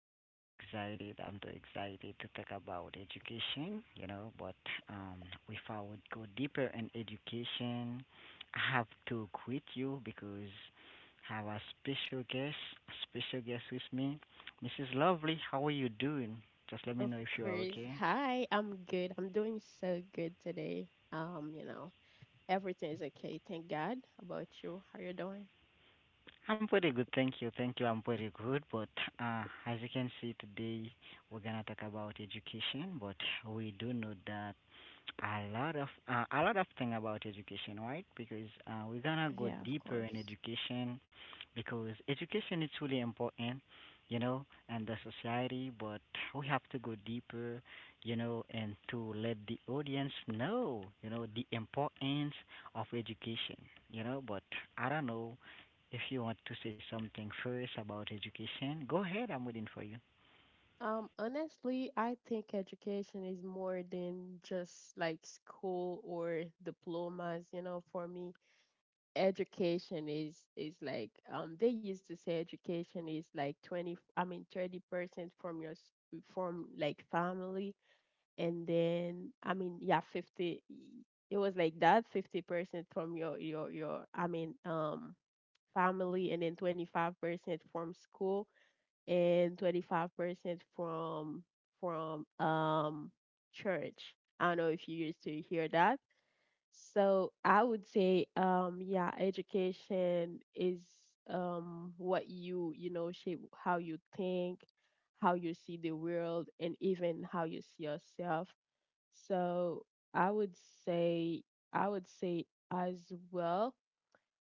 Today I'm so excited. I'm too excited to talk about education. But um, if I would go deeper in education, I have to quit you because I have a special guest with me, Mrs. Lovely. How are you doing? Just let Of me know if you are course. okay. Hi, I'm good. I'm doing so good today. You know, everything is okay. Thank God. How about you, how you doing? I'm pretty good, thank you. Thank you, I'm pretty good. But as you can see today, we're gonna talk about education. But we do know that a lot of a lot of thing about education, right? Because we're gonna go Yeah, of deeper in course. education, because education is really important, you know, in the society. But we have to go deeper, you know, and to let the audience know, you know, the importance of education, you know. But I don't know if you want to say something first about education, go ahead. I'm waiting for you. Honestly, I think education is more than just like school or diplomas, you know, for me. Education is like they used to say education is like 20, I mean 30% from your from like family, and then I mean yeah 50, it was like that 50% from your I mean family, and then 25% from school and 25% from from um church. I don't know if you used to hear that. So I would say, yeah, education is what you know shape how you think, how you see the world, and even how you see yourself. So I would say, I would say as well,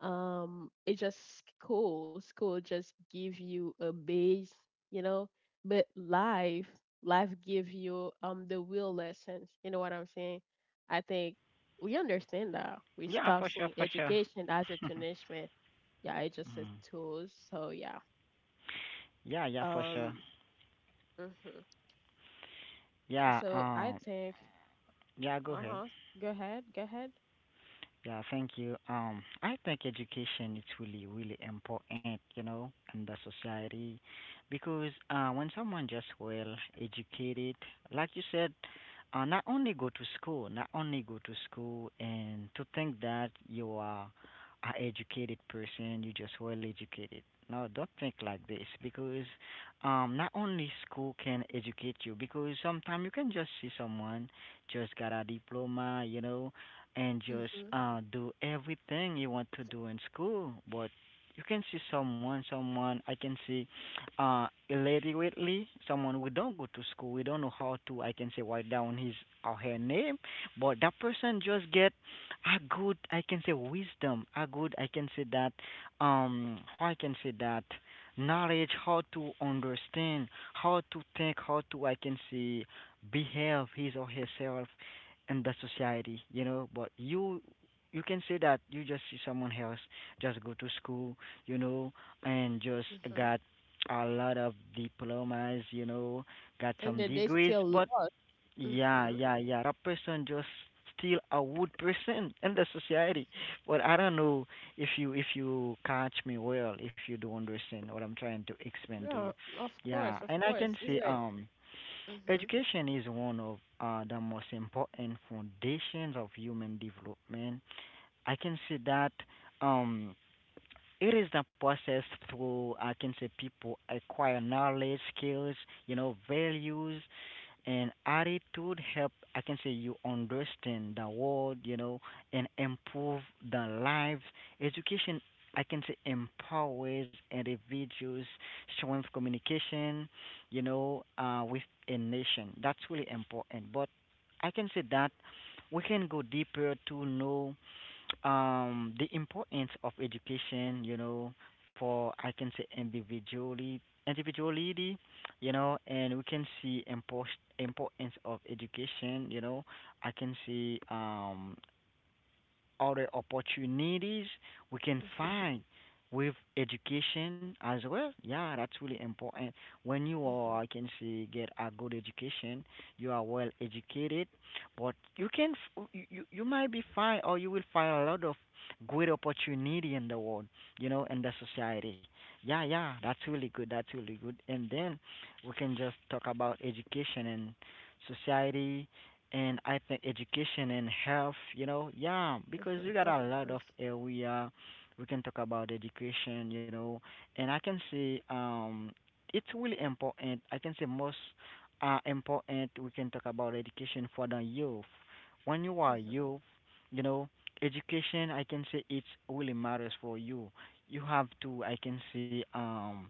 it's just school just give you a base, you know, but life give you the real lessons, you know what I'm saying. I think we understand that we Yeah, stop for seeing sure, for sure. education as a punishment. Yeah, it's just a Mm. tool, so yeah. Yeah, yeah, for sure. Um mm-hmm. Yeah, Yeah, so I think. yeah, go ahead. Uh-huh. Go ahead, go ahead. Yeah, thank you. I think education is really, really important, you know, in the society, because when someone just well educated, like you said, not only go to school, not only go to school, and to think that you are a educated person, you just well educated. No, don't think like this because not only school can educate you because sometimes you can just see someone just got a diploma, you know, and just Mm-hmm. Do everything you want to do in school. But you can see someone, someone I can see, illiterately, someone who don't go to school. We don't know how to. I can say write down his or her name, but that person just get a good. I can say wisdom. A good. I can say that. How I can say that knowledge how to understand how to think how to I can say behave his or herself in the society, you know, but you can say that you just see someone else just go to school, you know, and just Mm-hmm. got a lot of diplomas, you know, got And some then they degrees, still but lost. yeah, Mm-hmm. yeah, yeah. That person just still a wood person in the society. But I don't know if you catch me well, if you do understand what I'm trying to explain to you. Yeah, of Yeah, course, of and I can course. say It's like, mm-hmm, education is one of the most important foundations of human development. I can say that um, it is the process through I can say people acquire knowledge, skills, you know, values, and attitude help I can say you understand the world you know and improve the lives education I can say empowers individuals strength communication you know with a nation that's really important but I can say that we can go deeper to know the importance of education you know for I can say individually individuality you know, and we can see importance of education, you know. I can see other opportunities we can mm-hmm, find with education as well. Yeah, that's really important. When you mm-hmm, are, I can say, get a good education, you are well educated, but you can, f- you might be fine, or you will find a lot of great opportunity in the world, you know, in the society. Yeah, yeah, that's really good. That's really good. And then we can just talk about education and society and I think education and health, you know, yeah, because we mm-hmm, got of a lot of course. area we can talk about education, you know, and I can say it's really important. I can say most important we can talk about education for the youth. When you are Mm-hmm. youth, you know, education I can say it's really matters for you. You have to I can say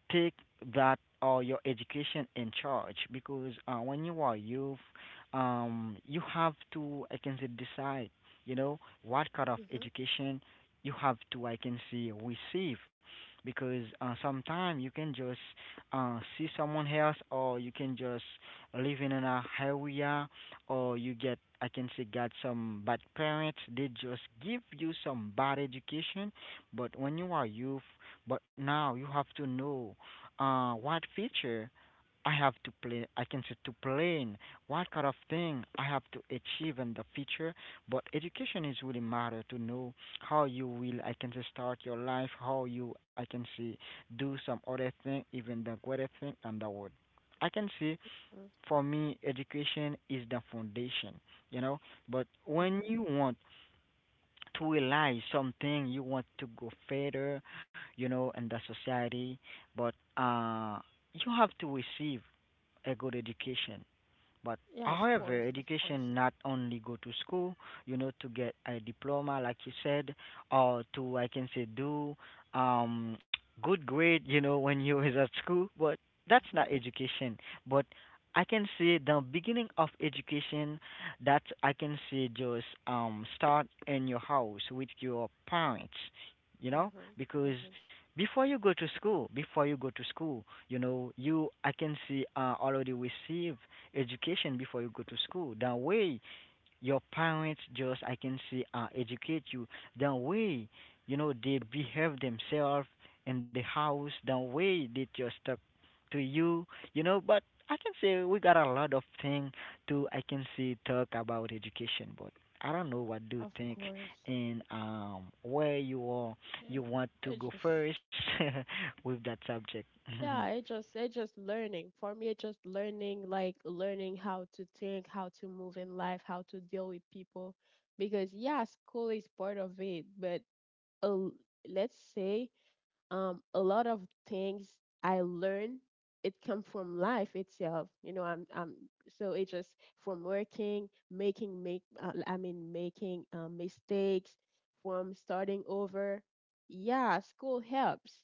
take that or your education in charge because when you are youth, you have to I can say decide, you know, what kind of Mm-hmm. education you have to I can say receive because sometimes you can just see someone else or you can just live in an area or you get I can say got some bad parents they just give you some bad education but when you are youth but now you have to know what feature I have to play. I can say to plan what kind of thing I have to achieve in the future. But education is really matter to know how you will. I can say start your life. How you I can see do some other thing, even the greater thing in the world. I can see for me education is the foundation, you know. But when Mm-hmm. you want to realize something you want to go further you know in the society but uh you have to receive a good education but Yeah, of course, however, of course. education not only go to school, you know, to get a diploma, like you said, or to I can say do um good grade, you know, when you is at school. But that's Mm-hmm. not education. But I can say the beginning of education that I can say just start in your house with your parents, you know, Mm-hmm. because Mm-hmm. before you go to school, before you go to school, you know, you I can see already receive education before you go to school. That way, your parents just I can say educate you. That way, you know they behave themselves in the house. That way they just talk to you. You know, but I can say we got a lot of thing to I can say talk about education, but. I don't know what do you Of think course. and where you are Yeah, you want to it's go just first with that subject. Yeah, it just learning. For me, it's just learning, like learning how to think, how to move in life, how to deal with people. Because yeah, school is part of it, but a, l- let's say a lot of things I learn, it come from life itself. You know, I'm so it just from working, making make I mean making mistakes, from starting over. Yeah, school helps,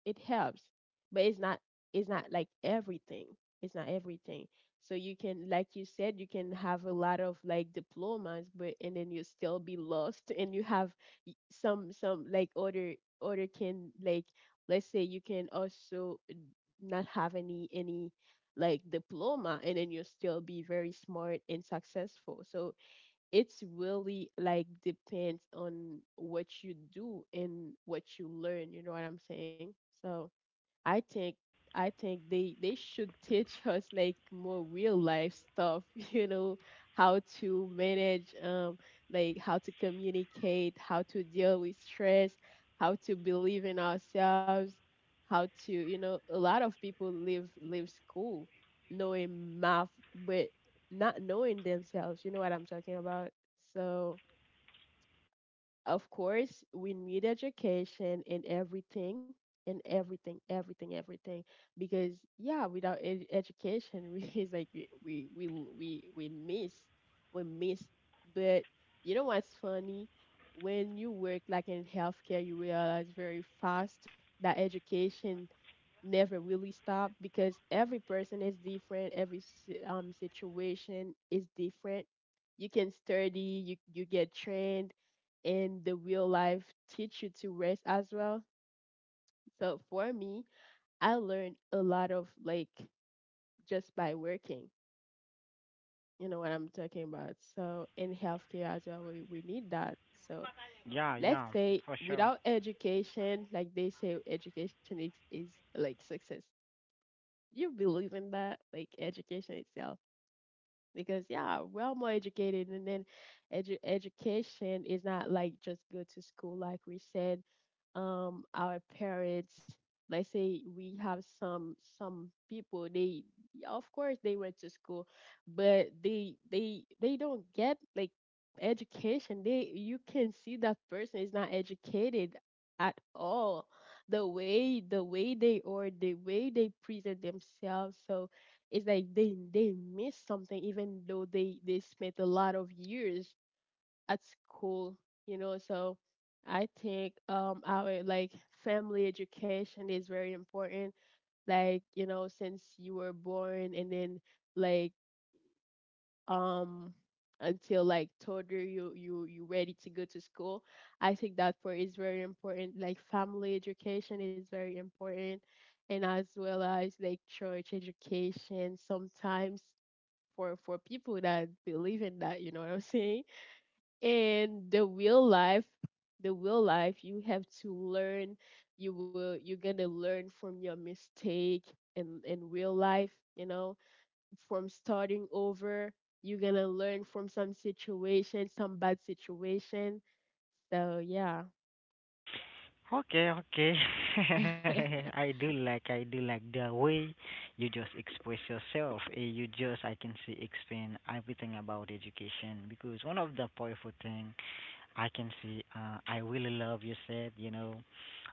it helps, but it's not, it's not like everything, it's not everything. So you can, like you said, you can have a lot of like diplomas, but and then you still be lost, and you have some like other, other can like, let's say you can also not have any like diploma, and then you'll still be very smart and successful. So it's really like depends on what you do and what you learn, you know what I'm saying. So I think I think they should teach us like more real life stuff, you know, how to manage like how to communicate, how to deal with stress, how to believe in ourselves, how to, you know, a lot of people leave school knowing math but not knowing themselves, you know what I'm talking about? So of course, we need education in everything, everything, everything. Because yeah, without education, we, it's like we we we miss, we miss. But you know what's funny? When you work like in healthcare, you realize very fast that education never really stop, because every person is different, every situation is different. You can study, you get trained, and the real life teach you to rest as well. So for me, I learned a lot of like just by working, you know what I'm talking about. So in healthcare as well, we need that. So Yeah, let's yeah, say for sure. without education, like they say education is like success. You believe in that, like education itself, because yeah, well more educated, and then education is not like just go to school, like we said. Our parents, let's say we have some people, they of course they went to school, but they don't get like education. They, you can see that person is not educated at all, the way they are, the way they present themselves. So it's like they miss something, even though they spent a lot of years at school, you know. So I think our like family education is very important, like you know, since you were born, and then like um until like toddler, you ready to go to school. I think that part is very important, like family education is very important. And as well as like church education sometimes, for people that believe in that, you know what I'm saying. And the real life, the real life you have to learn, you will, you're gonna learn from your mistake, in real life, you know, from starting over. You're gonna learn from some situation, some bad situation, so yeah. Okay, okay. Mhm. I do like the way you just express yourself. You just I can see explain everything about education because one of the powerful thing I can see. I really love you said. You know,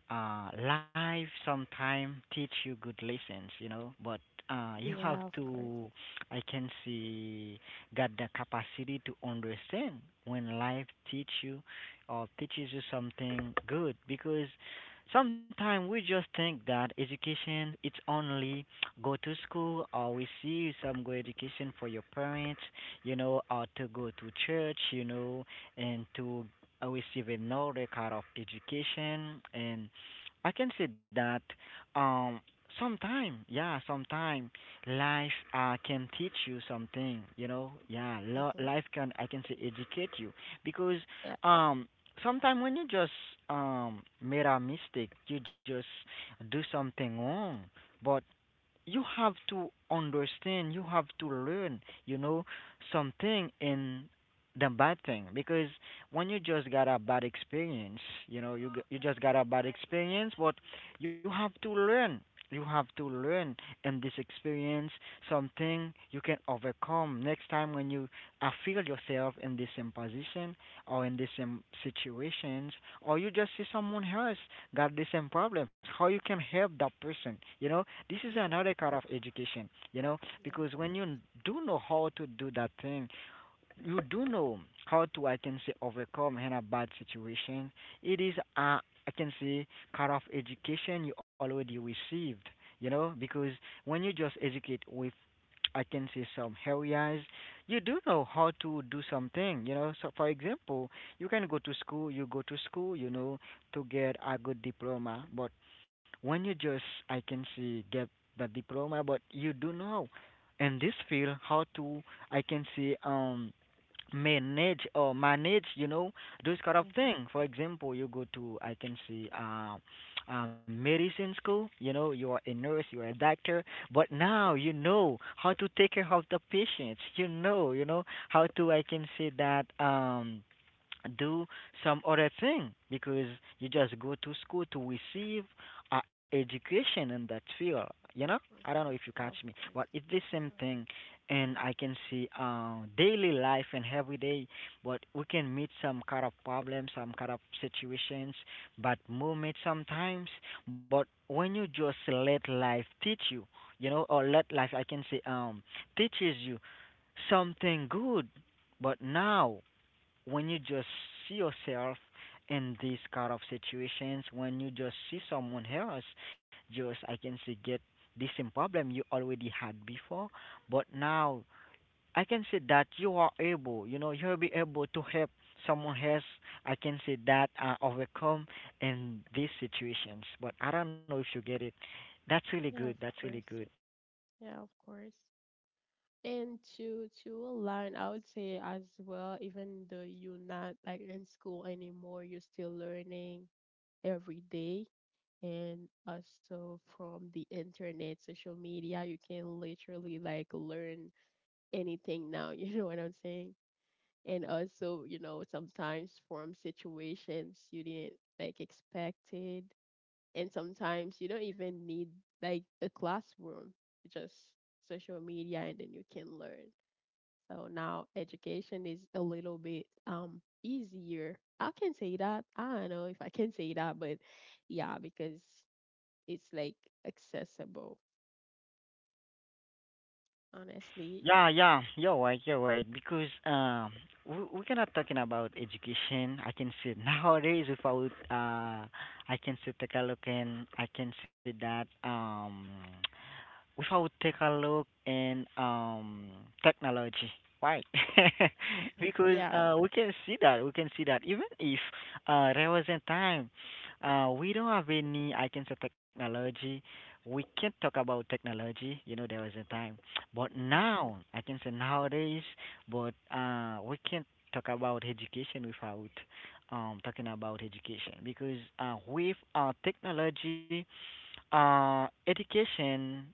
life sometime teach you good lessons. You know, but you Yeah, have of course. to. I can see got the capacity to understand when life teach you or teaches you something good because sometimes we just think that education it's only go to school or we see some good education for your parents you know or to go to church you know and to receive no record of education and I can say that um sometime yeah sometime life can teach you something you know yeah Mhm. life can I can say educate you because Yeah. um sometimes when you just made a mistake you just do something wrong but you have to understand, you have to learn, you know, something in the bad thing because when you just got a bad experience, you know, you just got a bad experience, but you have to learn. You have to learn in this experience something you can overcome next time when you feel yourself in the same position or in the same situations, or you just see someone else got the same problems how you can help that person you know this is Mhm. another kind of education you know Yeah, of because when course. you do know how to do that thing you do know how to I can say overcome in a bad situation. It is a, I can say kind of education you already received, you know, because when you just educate with I can say some areas, you do know how to do something, you know. So for example, you can go to school, you go to school, you know, to get a good diploma, but when you just I can say get the diploma but you do know in this field how to I can say manage or manage you know those kind of Hmm. Mhm. thing for example you go to I can see medicine school you know you are a nurse you are a doctor but now you know how to take care of the patients you know how to I can say that do some other thing because you just go to school to receive education in that field you know I don't know if you catch Yeah, of me course. but it's the same Mhm. thing and I can see daily life and every day, but we can meet some kind of problems, some kind of situations, but moment sometimes. But when you just let life teach you, you know, or let life, I can say, teaches you something good. But now, when you just see yourself in these kind of situations, when you just see someone else, just I can say get the same problem you already had before, but now I can say that you are able, you know, you'll be able to help someone else. I can say that overcome in these situations. But I don't know if you get it. That's really good. Yeah, of That's really course. good. Yeah, of course. And to align, I would say as well, even though you're not like in school anymore, you're still learning every day. And also from the internet, social media, you can literally like learn anything now, you know what I'm saying? And also, you know, sometimes from situations you didn't like expected, and sometimes you don't even need like a classroom, just social media, and then you can learn. So now education is a little bit easier, I can say that, I don't know if I can say that, but yeah, because it's like accessible, honestly. Yeah, yeah, you're right, you're right. Because we're not talking about education. I can say nowadays, if I would, I can say take a look and I can say that without take a look in technology why? Mhm. Because Yeah. We can see that we can see that even if there was a time we don't have any I can say technology, we can't talk about technology, you know, there was a time, but Hmm. now I can say nowadays, but we can't talk about education without talking about education, because with technology, education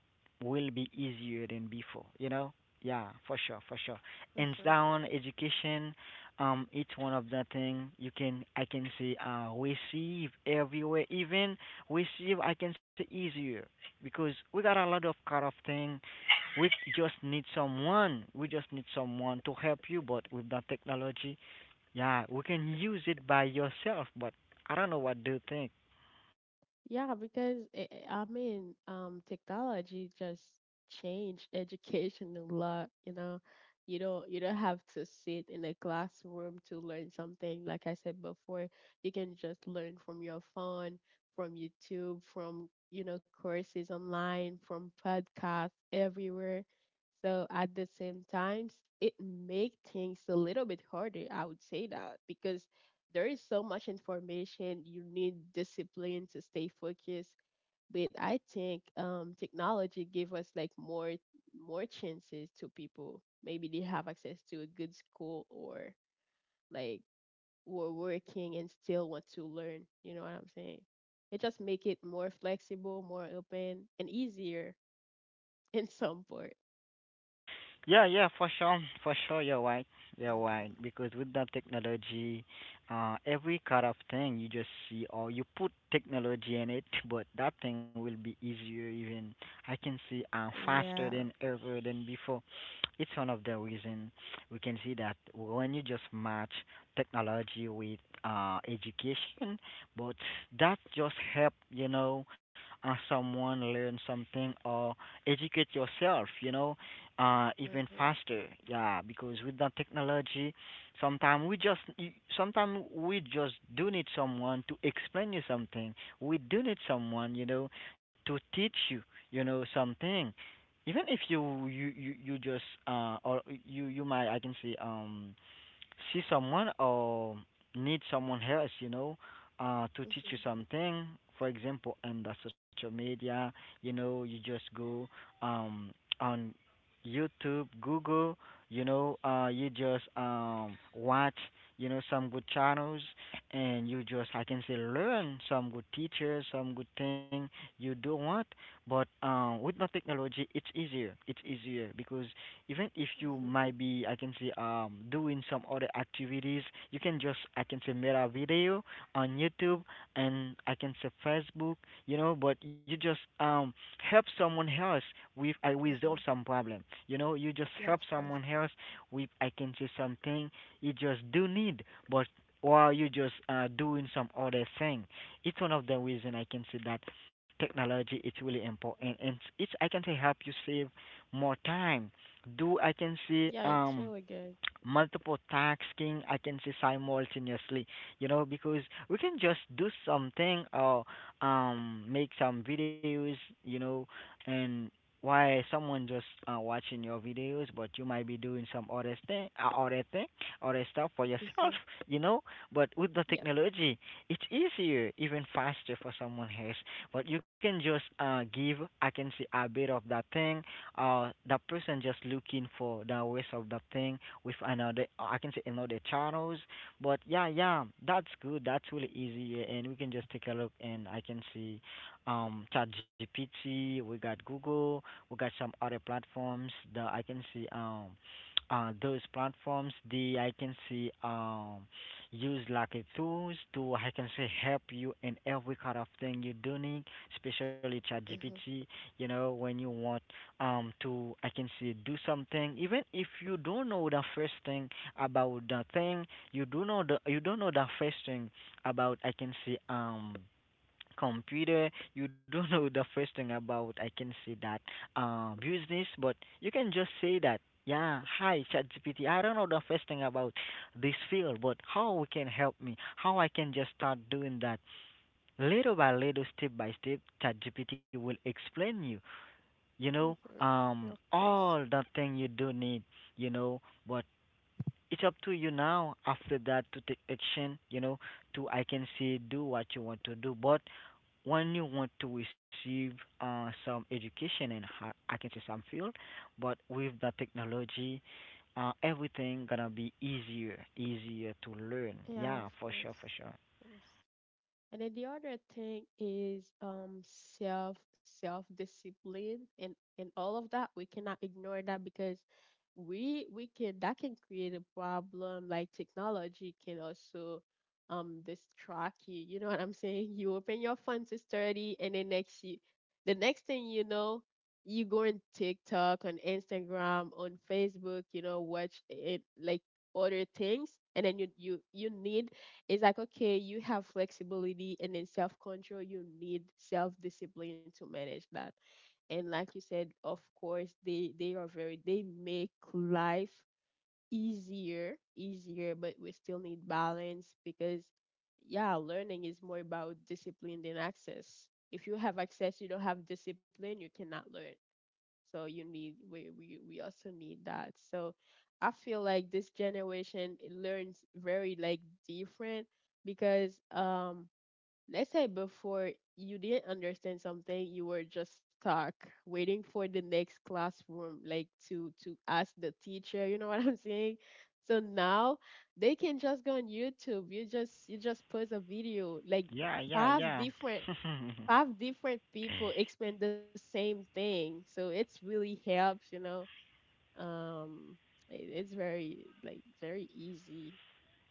will be easier than before, you know? Yeah, for sure, for sure. Hmm. And down education, it's one of the thing you can I can say receive everywhere, even receive I can say easier because we got a lot of kind of thing. We just need someone. We just need someone to help you. But with that technology, yeah, we can use it by yourself. But I don't know what do you think. Yeah, because I mean, technology just changed education a lot. You know, you don't, you don't have to sit in a classroom to learn something. Like I said before, you can just learn from your phone, from YouTube, from you know courses online, from podcasts everywhere. So at the same times, it make things a little bit harder. I would say that because there is so much information. You need discipline to stay focused. But I think technology give us like more chances to people. Maybe they have access to a good school, or like were working and still want to learn. You know what I'm saying? It just make it more flexible, more open, and easier in some part. Yeah, yeah, for sure, for sure. You're right. You're right. Hmm. Because with that technology, every kind of thing you just see, or you put technology in it, but that thing will be easier. Even I can see faster Yeah. than ever than before. It's one of the reason we can see that when you just match technology with education, but that just help you know someone learn something or educate yourself. You know even Mm-hmm. faster, yeah, because with that technology sometimes we just sometimes we just do need someone to explain you something. We do need someone, you know, to teach you, you know, something, even if you just or you might I can say see someone or need someone else, you know, to teach Mm-hmm. you something. For example, in the social media, you know, you just go um, on YouTube, Google, you know, you just watch, you know, some good channels, and you just, I can say, learn some good teachers, some good thing you do want. But with the technology, it's easier. It's easier because even if you Mm-hmm. might be I can say doing some other activities, you can just I can say make a video on YouTube and I can say Facebook, you know, but you just help someone else with I Mm-hmm. resolve some problem. You know, you just Yeah, of help course. someone else with I can say something you just do need, but while you just doing some other thing. It's one of the reason I can say that technology is really important, and it's I can say help you save more time, do I can Yeah, see it's really good. multiple tasking, I can see simultaneously, you know, because we can just do something or make some videos, you know, and why someone just watching your videos, but you might be doing some other thing other stuff for Mm-hmm. yourself, you know, but with the Yep. technology it's easier, even faster for someone else, but you can just give I can see a bit of that thing that person just looking for the ways of that thing with another I can say another channels. But yeah, yeah, that's good. That's really easy. Yeah, and we can just take a look and I can see ChatGPT, we got Google, we got some other platforms that I can see those platforms they I can see use like a tools to I can say help you in every kind of thing you're doing, especially ChatGPT. You know when you want to I can say do something even if you don't know the first thing about the thing, you do know the you don't know the first thing about I can say computer, you don't know the first thing about I can say that business, but you can just say that yeah, hi ChatGPT, I don't know the first thing about this field, but how we can help me, how I can just start doing that little by little, step by step. ChatGPT will explain you, you know, Mm-hmm. Yeah, of course. all that thing you do need, you know, but it's up to you now after that to take action, you know, to I can say do what you want to do. But when you want to receive some education and ho- I can say some field, but with the technology, everything gonna be easier, easier to learn. Yeah, of Yeah, for sure, course. for sure. Of course. And then the other thing is self discipline and all of that. We cannot ignore that, because we can that can create a problem. Like technology can also distract you. You know what I'm saying? You open your phone to study, and then next you the next thing you know, you go on TikTok, on Instagram, on Facebook. You know, watch it like other things, and then you need, it's like okay you have flexibility and then self-control, you need self-discipline to manage that. And like you said, of course they are very, they make life easier, but we still need balance, because yeah, learning is more about discipline than access. If you have access, you don't have discipline, you cannot learn. So you need, we also need that. So I feel like this generation it learns very like different, because let's say before, you didn't understand something, you were just stuck waiting for the next classroom, like to ask the teacher, you know what I'm saying? So now they can just go on YouTube. You just, you just post a video, like Yeah, yeah, five yeah. different five different people explain the same thing. So it's really helps, you know. Um, it's very like very easy,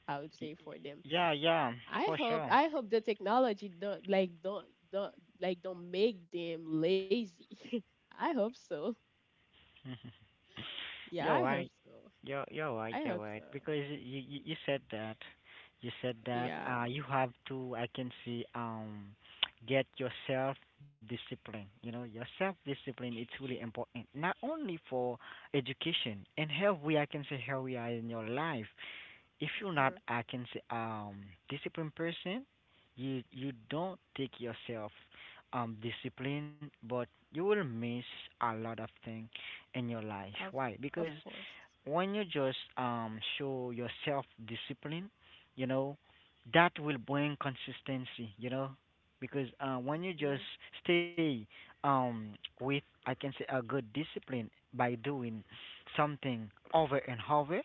I would Y- say, for them. yeah, yeah, for sure. I hope the technology don't like don't make them lazy. I hope so. Yeah, You're I hope right. so. You're right. I You're hope right. so. Because you said that, you said that Yeah. You have to I can see get yourself discipline. You know, your self discipline it's really important. Not only for education and health, we I can say how we are in your life. If you're not Mm-hmm. I can say disciplined person, you don't take yourself discipline, but you will miss a lot of things in your life. Of Why? Because course. when you just show your self discipline, you know, that will bring consistency, you know, because when you just Mm, stay um with I can say a good discipline by doing something over and over,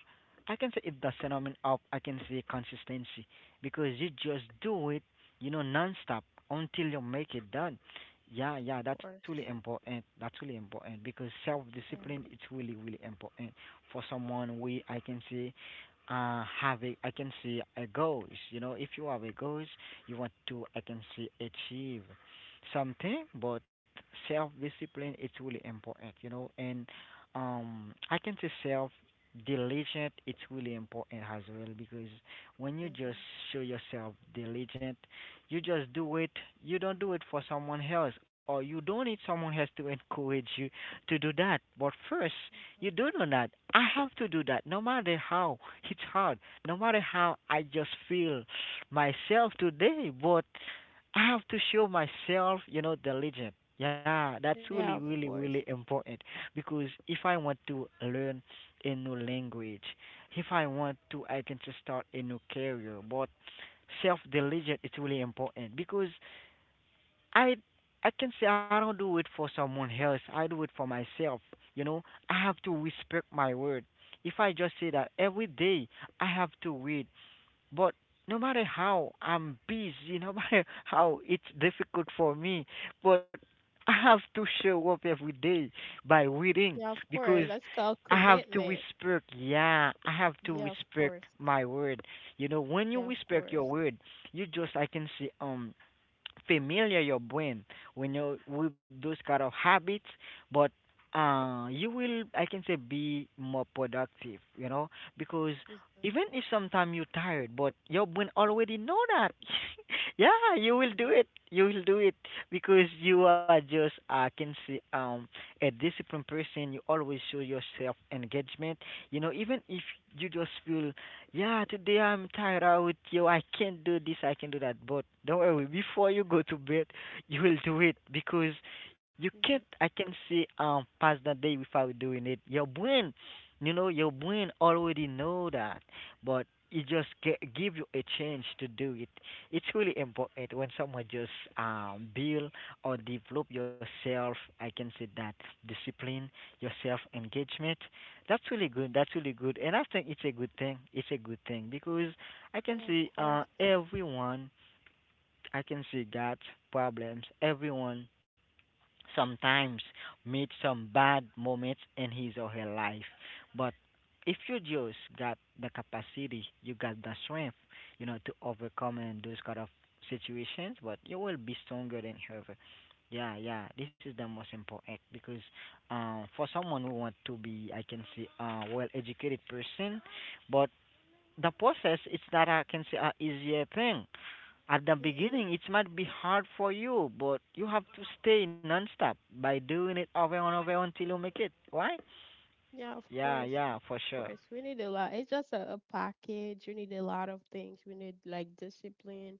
I can say it's the phenomenon up. I can say consistency because you just do it, you know, non stop until you make it done. Yeah, yeah, of that's really course. important. That's really important because self Yeah. discipline it's really really important for someone we I can say have a I can say a goals. You know, if you have a goals, you want to I can say achieve something, but self discipline it's really important. You know, and I can say self diligent it's really important as well because when you just Mm-hmm. show yourself diligent, you just do it, you don't do it for someone else or you don't need someone else to encourage you to do that, but first Mm-hmm. you do know that. I have to do that no matter how it's hard, no matter how I just feel myself today, but I have to show myself, you know, diligent. Yeah, that's really, Yeah, of really, really course. important because if I want to learn a new language, if I want to, I can just start a new career. But self diligent is really important because I I can say I don't do it for someone else. I do it for myself. You know, I have to respect my word. If I just say that every day, I have to read. But no matter how I'm busy, no matter how it's difficult for me, but I have to show up every day by Yeah, of reading course. because That's called I have to commitment. respect, yeah, I have to Yeah, of respect course. my word. You know, when you Yeah, of respect your course. word, you just, I can see, familiar your brain when you with those kind of habits, but you will I can say be more productive, you know, because even Mhm. if sometimes you're tired, but your brain already know that. Yeah, you will do Mhm. it. You will do it because you are just I can see a disciplined person. You always show yourself engagement. You know, even if you just feel, yeah, today I'm tired out. Yo, I can't do this. I can do that. But don't worry. Before you go to bed, you will do it because you can't. Mhm. I can see pass the day without doing it. Your brain, you know, your brain already know that, but it just give you a chance to do it. It's really important when someone just build or develop yourself. I can say that discipline, your self engagement. That's really good. That's really good, and I think it's a good thing. It's a good thing because I can Yeah, of see course. Everyone. I can see got problems. Everyone sometimes meet some bad moments in his or her life. But if you just got the capacity, you got the strength, you know, to overcome in those kind of situations, but you will be stronger than ever. Yeah, yeah, this is the most important because for someone who want to be, I can say, a well-educated person, but the process, it's not, I can say, a easier thing. At the Mhm. beginning, it might be hard for you, but you have to stay nonstop by doing it over and over until you make it, right? Yeah, of course. Yeah, yeah, Of for sure. course. We need a lot. It's just a package. You need a lot of things. We need like discipline,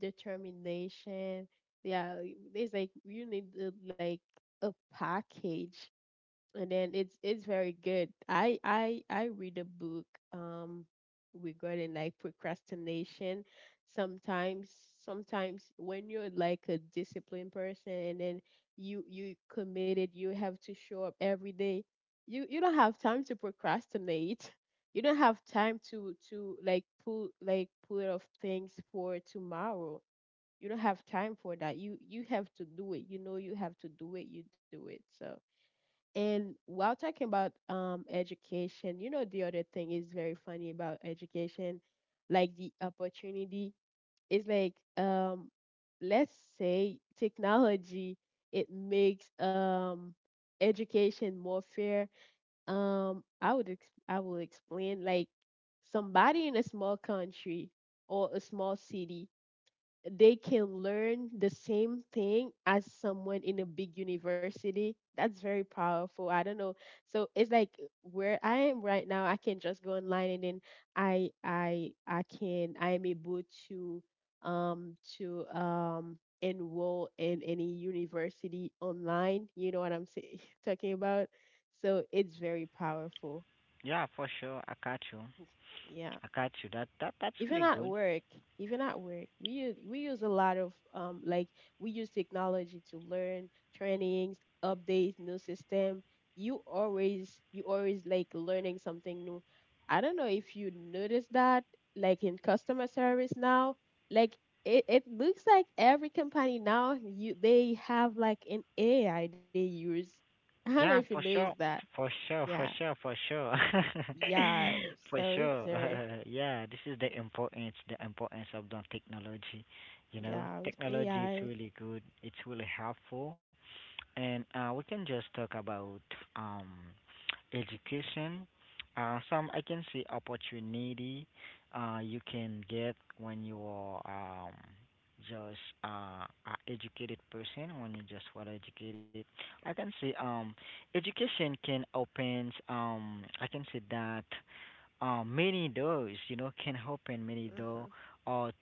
determination. Yeah, there's like you need like a package. And then it's very good. I read a book um regarding like procrastination. Sometimes sometimes when you're like a disciplined person, and then you committed, you have to show up every day, you don't have time to procrastinate, you don't have time to like pull, like pull off things for tomorrow, you don't have time for that, you have to do it, you know, you have to do it, you do it. So and while talking about education, you know the other thing is very funny about education, like the opportunity is like let's say technology, it makes education more fair. I will explain, like, somebody in a small country or a small city, they can learn the same thing as someone in a big university. That's very powerful. I don't know. So it's like, where I am right now, I can just go online, and then I am able to enroll in any university online. You know what I'm talking about? So it's very powerful. Yeah, for sure. I got you. Yeah. I got you. That's even really at good. work Even at work, we use a lot of, like, we use technology to learn, trainings, updates, new system. You always, like, learning something new. I don't know if you notice that. Like in customer service now, like, it looks like every company now, you, they have like an AI they use. I don't know if you Yeah, for notice sure. that. For sure, Yeah, for sure, for sure. yeah. For So it's sure. very... Yeah, this is the importance of the technology. You know, Yeah, with technology is AI. really good. It's really helpful. And we can just talk about um, education. Some I can see opportunity you can get when you are um, just a educated person, when you just well educated. I can see Education can open, I can say that many doors, you know, can open many Mhm. doors or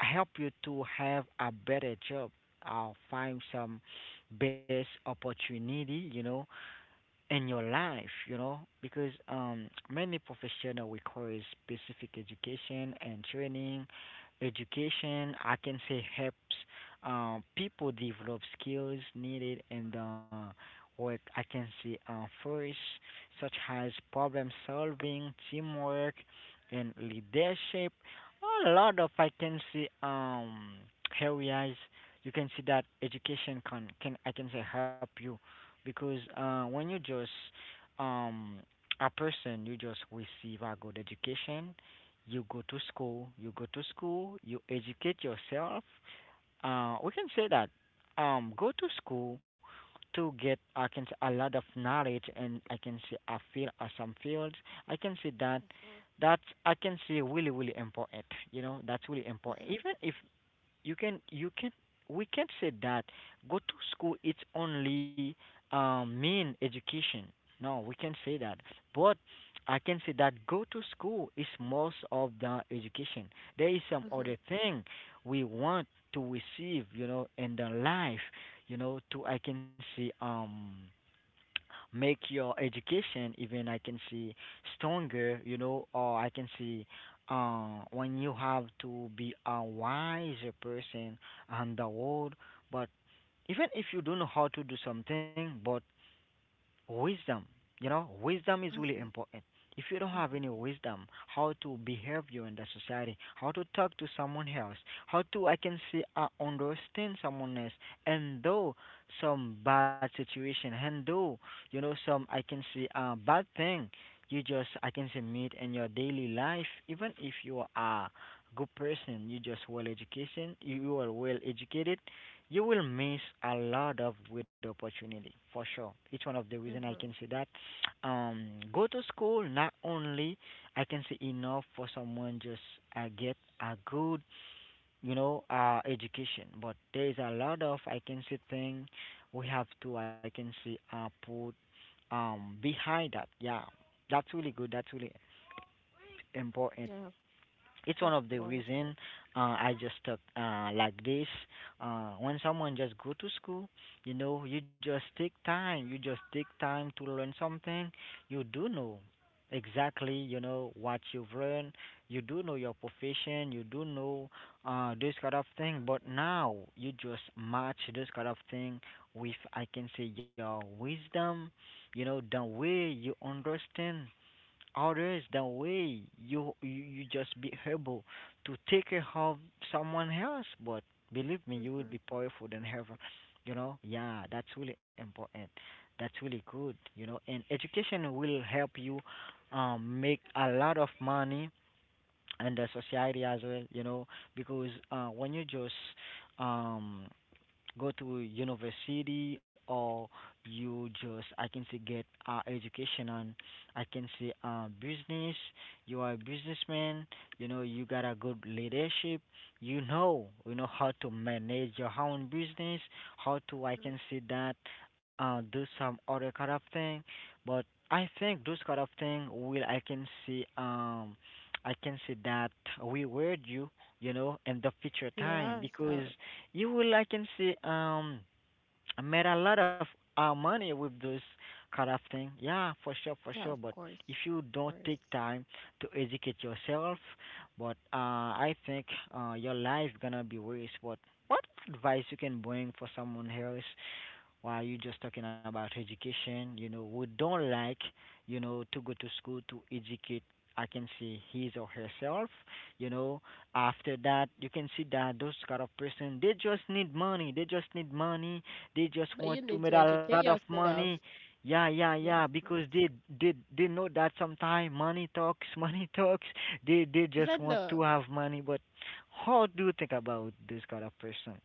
help you to have a better job or find some best opportunity, you know, in your life, you know, because many professional requires specific education and training. Education, I can say, helps people develop skills needed in the work. I can say first, such as problem solving, teamwork, and leadership. A lot of I can see areas you can see that education can I can say help you because when you just um, a person, you just receive a good education. You go to school. You go to school. You educate yourself. We can say that go to school to get I can say a lot of knowledge, and I can say a field, some fields. I can say that that's I can say really really important. You know that's really important. Even if you can we can not say that go to school it's only mean education. No, we can not say that, but I can say that go to school is most of the education. There is some Mhm. other thing we want to receive, you know, in the life, you know, to I can say make your education even I can see stronger, you know, or I can see when you have to be a wiser person on the world. But even if you don't know how to do something, but wisdom, you know, wisdom is really Mhm. important. If you don't have Mhm. any wisdom, how to behave you in the society, how to talk to someone else, how to I can say understand someone else and though some bad situation and though you know some I can say bad thing you just I can say meet in your daily life. Even if you are a good person, you just well education, you are well educated, you will miss a lot of good opportunity for sure. It's one of the reason I Mhm. can say that. Go to school not only I can say enough for someone just get a good, you know, education, but there is a lot of I can say thing we have to I can say put behind that. Yeah, that's really good. That's really important. Yeah, It's of one of the course. reason I just stuck like this. When someone just go to school, you know, you just take time. You just take time to learn something. You do know exactly, you know, what you've learned. You do know your profession. You do know this kind of thing. But now you just match this kind of thing with, I can say, your wisdom. You know, the way you understand others, the way you just be able to take care of someone else, but believe me, you will Mhm. be powerful than heaven, you know. Yeah, that's really important. That's really good, you know. And education will help you make a lot of money and the society as well, you know, because when you just um go to university or you just I can say get education on I can say business, you are a businessman, you know, you got a good leadership, you know, you know how to manage your own business, how to I Mhm. can say that do some other kind of thing. But I think those kind of thing will I can see that reward you, you know, in the future time Yeah, because so you will I can see. I made a lot of money with those kind of thing. Yeah, for sure, for yeah, sure. of But course. if you Of don't course. take time to educate yourself, but I think your life gonna be waste. But what advice you can bring for someone else? While you just talking about education, you know, we don't like, you know, to go to school to educate. I can see his or herself, you know. After that, you can see that those kind of person, they just need money. They just need money, they just But want you to need make to a lot of educate money. yourself. Yeah, yeah, Yeah, yeah. of Because course. They they know that sometimes money talks, money talks. They just Even want the... to have money. But how do you think about this kind of person?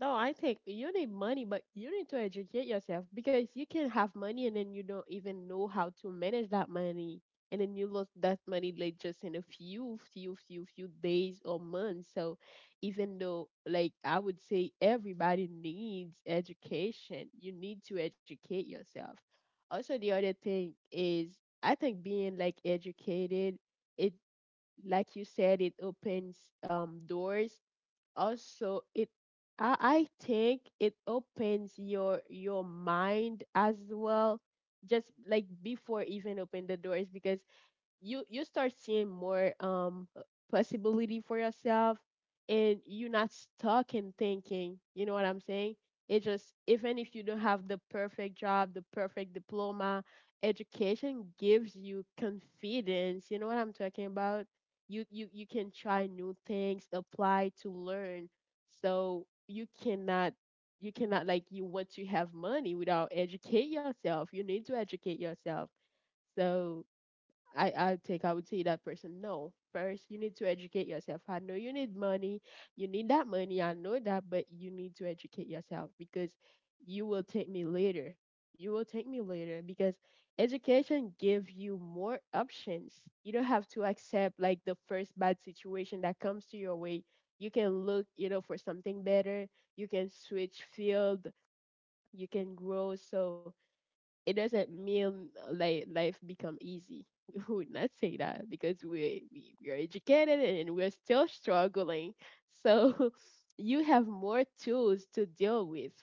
No, I think you need money, but you need to educate yourself, because you can have money and then you don't even know how to manage that money. And then you lose that money like just in a few, few, few, few days or months. So even though, like, I would say everybody needs education, you need to educate yourself. Also the other thing is, I think being, like, educated, it, like you said, it opens doors. Also it... I think it opens your mind as well, just like before even open the doors, because you start seeing more possibility for yourself, and you're not stuck in thinking, you know what I'm saying. It just... even if you don't have the perfect job, the perfect diploma, education gives you confidence. You know what I'm talking about? You can try new things, apply to learn. So you cannot... like, you want to have money without educate yourself, you need to educate yourself. So I think I would say that person, no. First, you need to educate yourself. I know you need money. You need that money. I know that, but you need to educate yourself, because you will take me later. You will take me later, because education gives you more options. You don't have to accept like the first bad situation that comes to your way. You can look, you know, for something better. You can switch field. You can grow. So it doesn't mean, like, life become easy. We would not say that, because we are educated and we're still struggling. So you have more tools to deal with.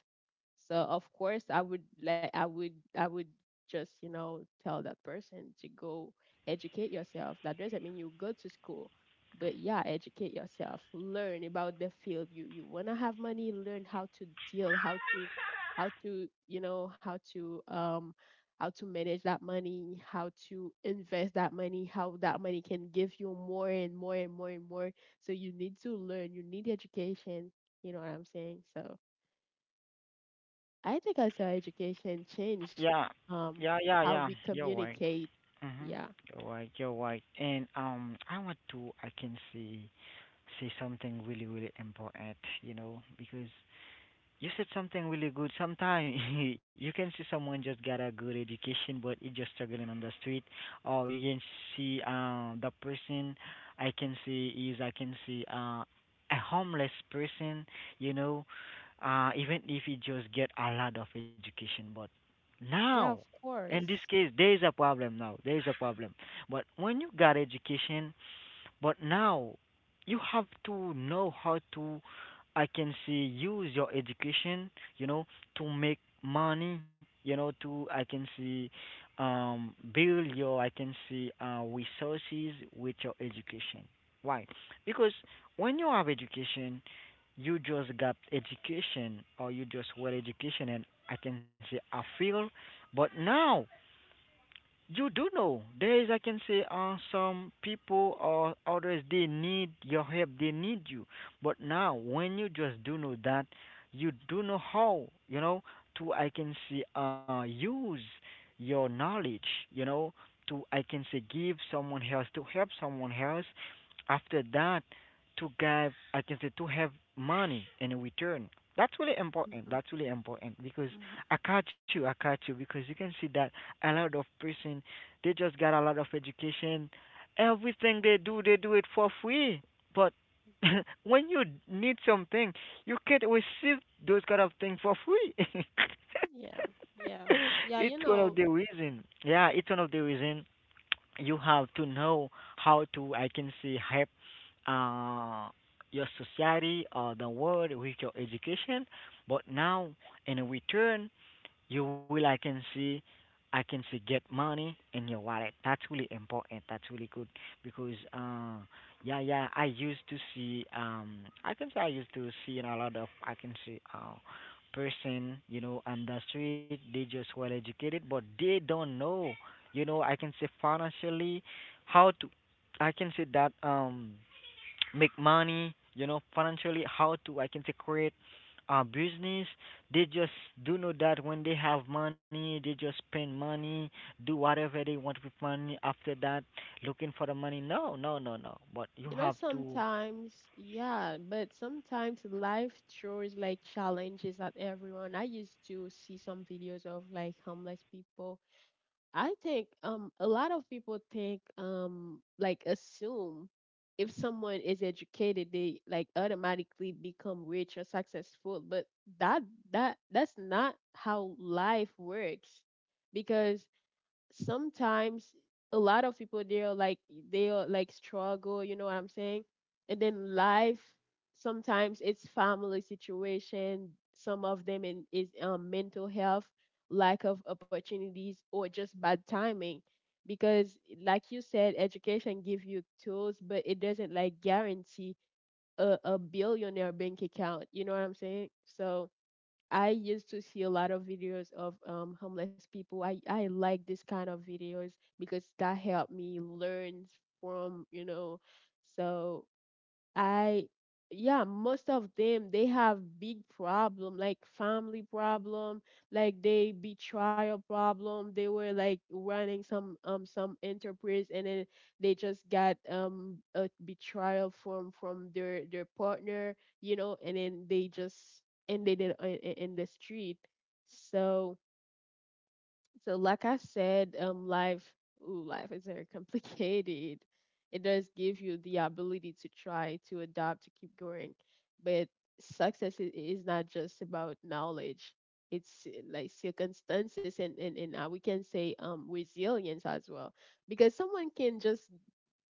So of course I would like I would just, you know, tell that person to go educate yourself. That doesn't mean you go to school, but yeah, educate yourself. Learn about the field. You wanna have money, learn how to deal, how to, you know, how to, how to manage that money, how to invest that money, how that money can give you more and more and more and more. So you need to learn, you need education, you know what I'm saying? So I think also education changed, Yeah, um, yeah, yeah, how we yeah. You're right. communicate. Mhm. Yeah, You're right. You're right. And I want to. I can say say something really really important. You know, because you said something really good. Sometimes you can see someone just got a good education, but it just struggling on the street. Or you can see the person I can see is I can see a homeless person. You know, even if he just get a lot of education, but now. yeah, of In this course. case, there is a problem now. There is a problem. But when you got education, but now you have to know how to I can see use your education, you know, to make money, you know, to I can see build your I can see resources with your education. Why? Because when you have education, you just got education or you just well education and I can say I feel, but now you do know. There is, I can say, some people or others, they need your help, they need you. But now, when you just do know that, you do know how, you know, to, I can say, use your knowledge, you know, to, I can say, give someone else, to help someone else. After that, to give, I can say, to have money in return. That's really important. Hmm. That's really important because Hmm. I catch you because you can see that a lot of person they just got a lot of education. Everything they do it for free. But Hmm. when you need something, you can't receive those kind of things for free. Yeah, yeah, yeah. It's You one of know, the reason. Yeah, it's one of the reason you have to know how to I can say help uh your society or the world with your education, but now in return you will, I can see get money in your wallet. That's really important. That's really good because, yeah, yeah, I used to see, I can say I used to see in a lot of, I can see, person, you know, on the street, they just well educated, but they don't know, you know, I can say financially how to, I can say that, make money, you know, financially, how to I can say create a business. They just do know that when they have money, they just spend money, do whatever they want with money. After that, looking for the money. No, no, no, no. But you you know. have to. Sometimes, yeah, but sometimes life throws like challenges at everyone. I used to see some videos of like homeless people. I think, a lot of people think, like, assume if someone is educated, they like automatically become rich or successful, but that that's not how life works, because sometimes a lot of people, they're like, they are like struggle, you know what I'm saying. And then life... sometimes it's family situation, some of them in, is, mental health, lack of opportunities, or just bad timing, because, like you said, education give you tools, but it doesn't like guarantee a billionaire bank account, you know what I'm saying. So I used to see a lot of videos of, homeless people. I like this kind of videos, because that helped me learn from, you know. So I... yeah, most of them they have big problem like family problem, like they betrayal problem. They were like running some enterprise, and then they just got a betrayal from their partner, you know, and then they just ended it in the street. So, so, like I said, life, ooh, life is very complicated. It does give you the ability to try, to adapt, to keep going. But success is not just about knowledge. It's, like, circumstances, and we can say, resilience as well, because someone can just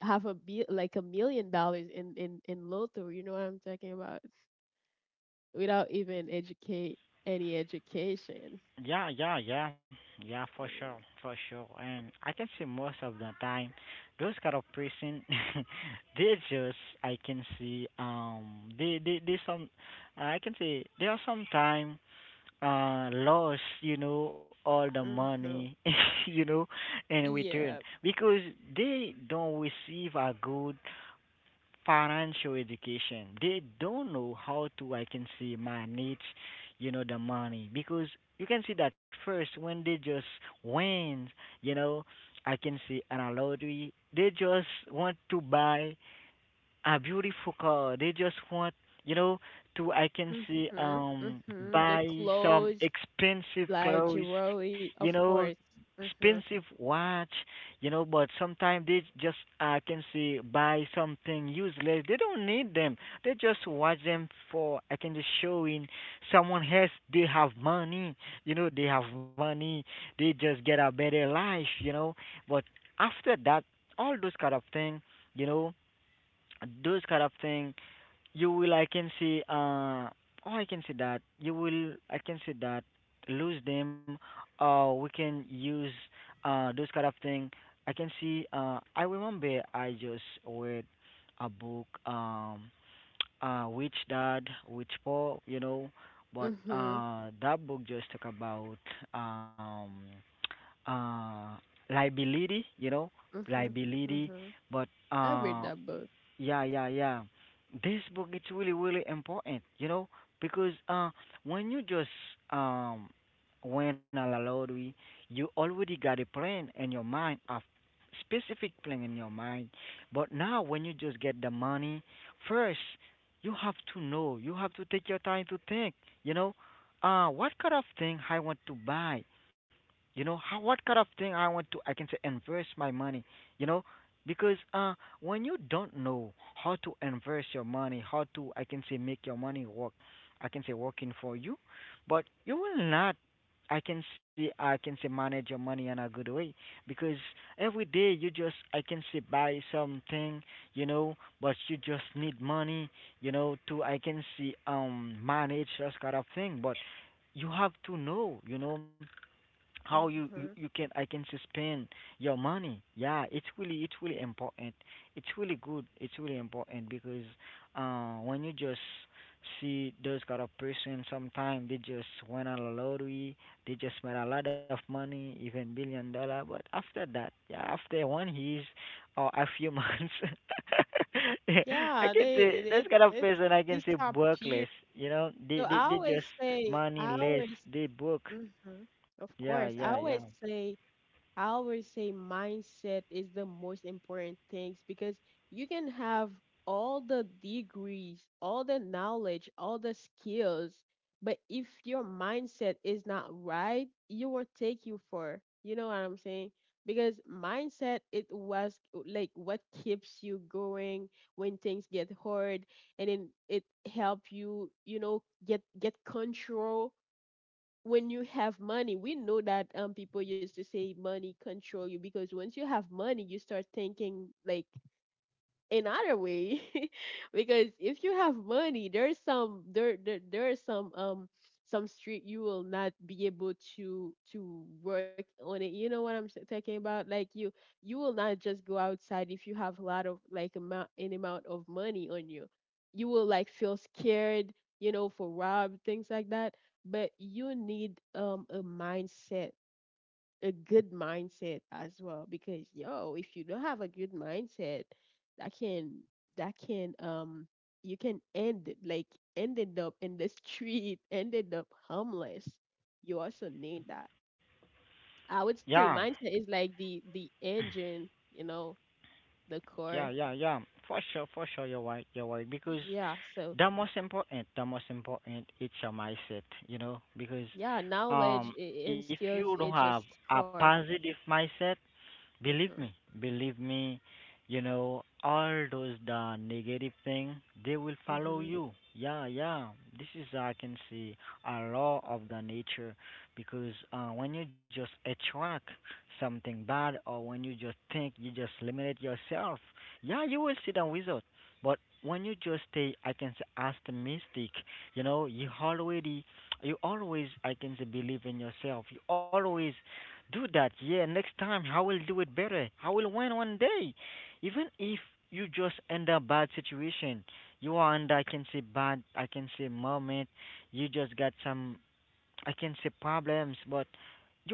have a... be like $1 million in lotto. You know what I'm talking about? Without even educate any education. Yeah, yeah, yeah, yeah, for So, sure, for sure. And I can say most of the time, those kind of person, they just I can see they some I can say there are some time lost, you know, all the money uh-huh. you know in return Yeah. because they don't receive a good financial education. They don't know how to I can say manage, you know, the money because you can see that first when they just win, you know, I can say an a lottery, they just want to buy a beautiful car. They just want, you know, to I can Mhm, see mhm. The buy some clothes, expensive like clothes, jewelry, you of know, course. Mhm, expensive watch, you know, but sometimes they just I can see buy something useless. They don't need them. They just watch them for I can just showing someone else they have money, you know, they have money, they just get a better life, you know. But after that all those kind of thing, you know, those kind of thing you will I can see oh I can see that you will I can see that lose them. We can use those kind of thing. I can see I remember I just read a book, which dad which poor, you know, but mhm, that book just talk about um uh liability, you know, mhm, liability. mhm. But I read that book. yeah, yeah, yeah. This book it's really really important, you know, because when you just um win a lottery, you already got a plan in your mind, a specific plan in your mind. But now when you just get the money, first you have to know, you have to take your time to think, you know, what kind of thing I want to buy, you know. How, what kind of thing I want to, I can say, invest my money, you know. Because when you don't know how to invest your money, how to, I can say, make your money work, I can say working for you, but you will not, I can say manage your money in a good way. Because every day you just, I can say, buy something, you know, but you just need money, you know, to I can see manage that kind of thing. But you have to know, you know, how you, you Mhm. can I can spend your money. Yeah, it's really, it's really important. It's really good. It's really important because when you just see those kind of person, sometimes they just win a lottery, they just made a lot of money, even billion dollar. But after that, yeah, after 1 years or a few months, I Yeah, can they say it that's it kind of it person, I can say, workless. disappeared. You know, they So they I they just always say, money I less, always... they broke. Mhm. Of Yeah, course, yeah, I yeah. always say... mindset is the most important things, because you can have all the degrees, all the knowledge, all the skills, but if your mindset is not right, it will take you for. You know what I'm saying? Because mindset, it was like what keeps you going when things get hard, and then it help you, you know, get control. When you have money, we know that, people used to say money control you, because once you have money, you start thinking like another way. Because if you have money, there's some... there are some, some street you will not be able to work on it, you know what talking about, like, you will not just go outside if you have a lot of, like, amount, an amount of money on you, you will like feel scared, you know, for rob, things like that. But you need, a mindset, a good mindset as well, because yo, if you don't have a good mindset, that can... that can um you can end it like... ended up in the street, ended up homeless. You also need that. I would Yeah, say mindset is like the engine, you know, the yeah, core. yeah, yeah. For sure, you're right, you're right. Because Yeah, so... the most important, it's your mindset, you know. Because yeah, knowledge um, and if skills, you don't it have just a core. positive mindset, believe Mhm. me, believe me, you know, all those the negative thing, they will follow Mhm. you. Yeah, yeah. This is, I can see, a law of the nature because when you just attract something bad or when you just think, you just limit yourself, yeah, you will see the result. But when you just stay, I can say, optimistic, you know, you already, you always, I can say, believe in yourself. You always do that. Yeah, next time I will do it better. I will win one day. Even if you just end a bad situation, you are under, I can say, bad, I can say, moment. You just got some, I can say, problems, but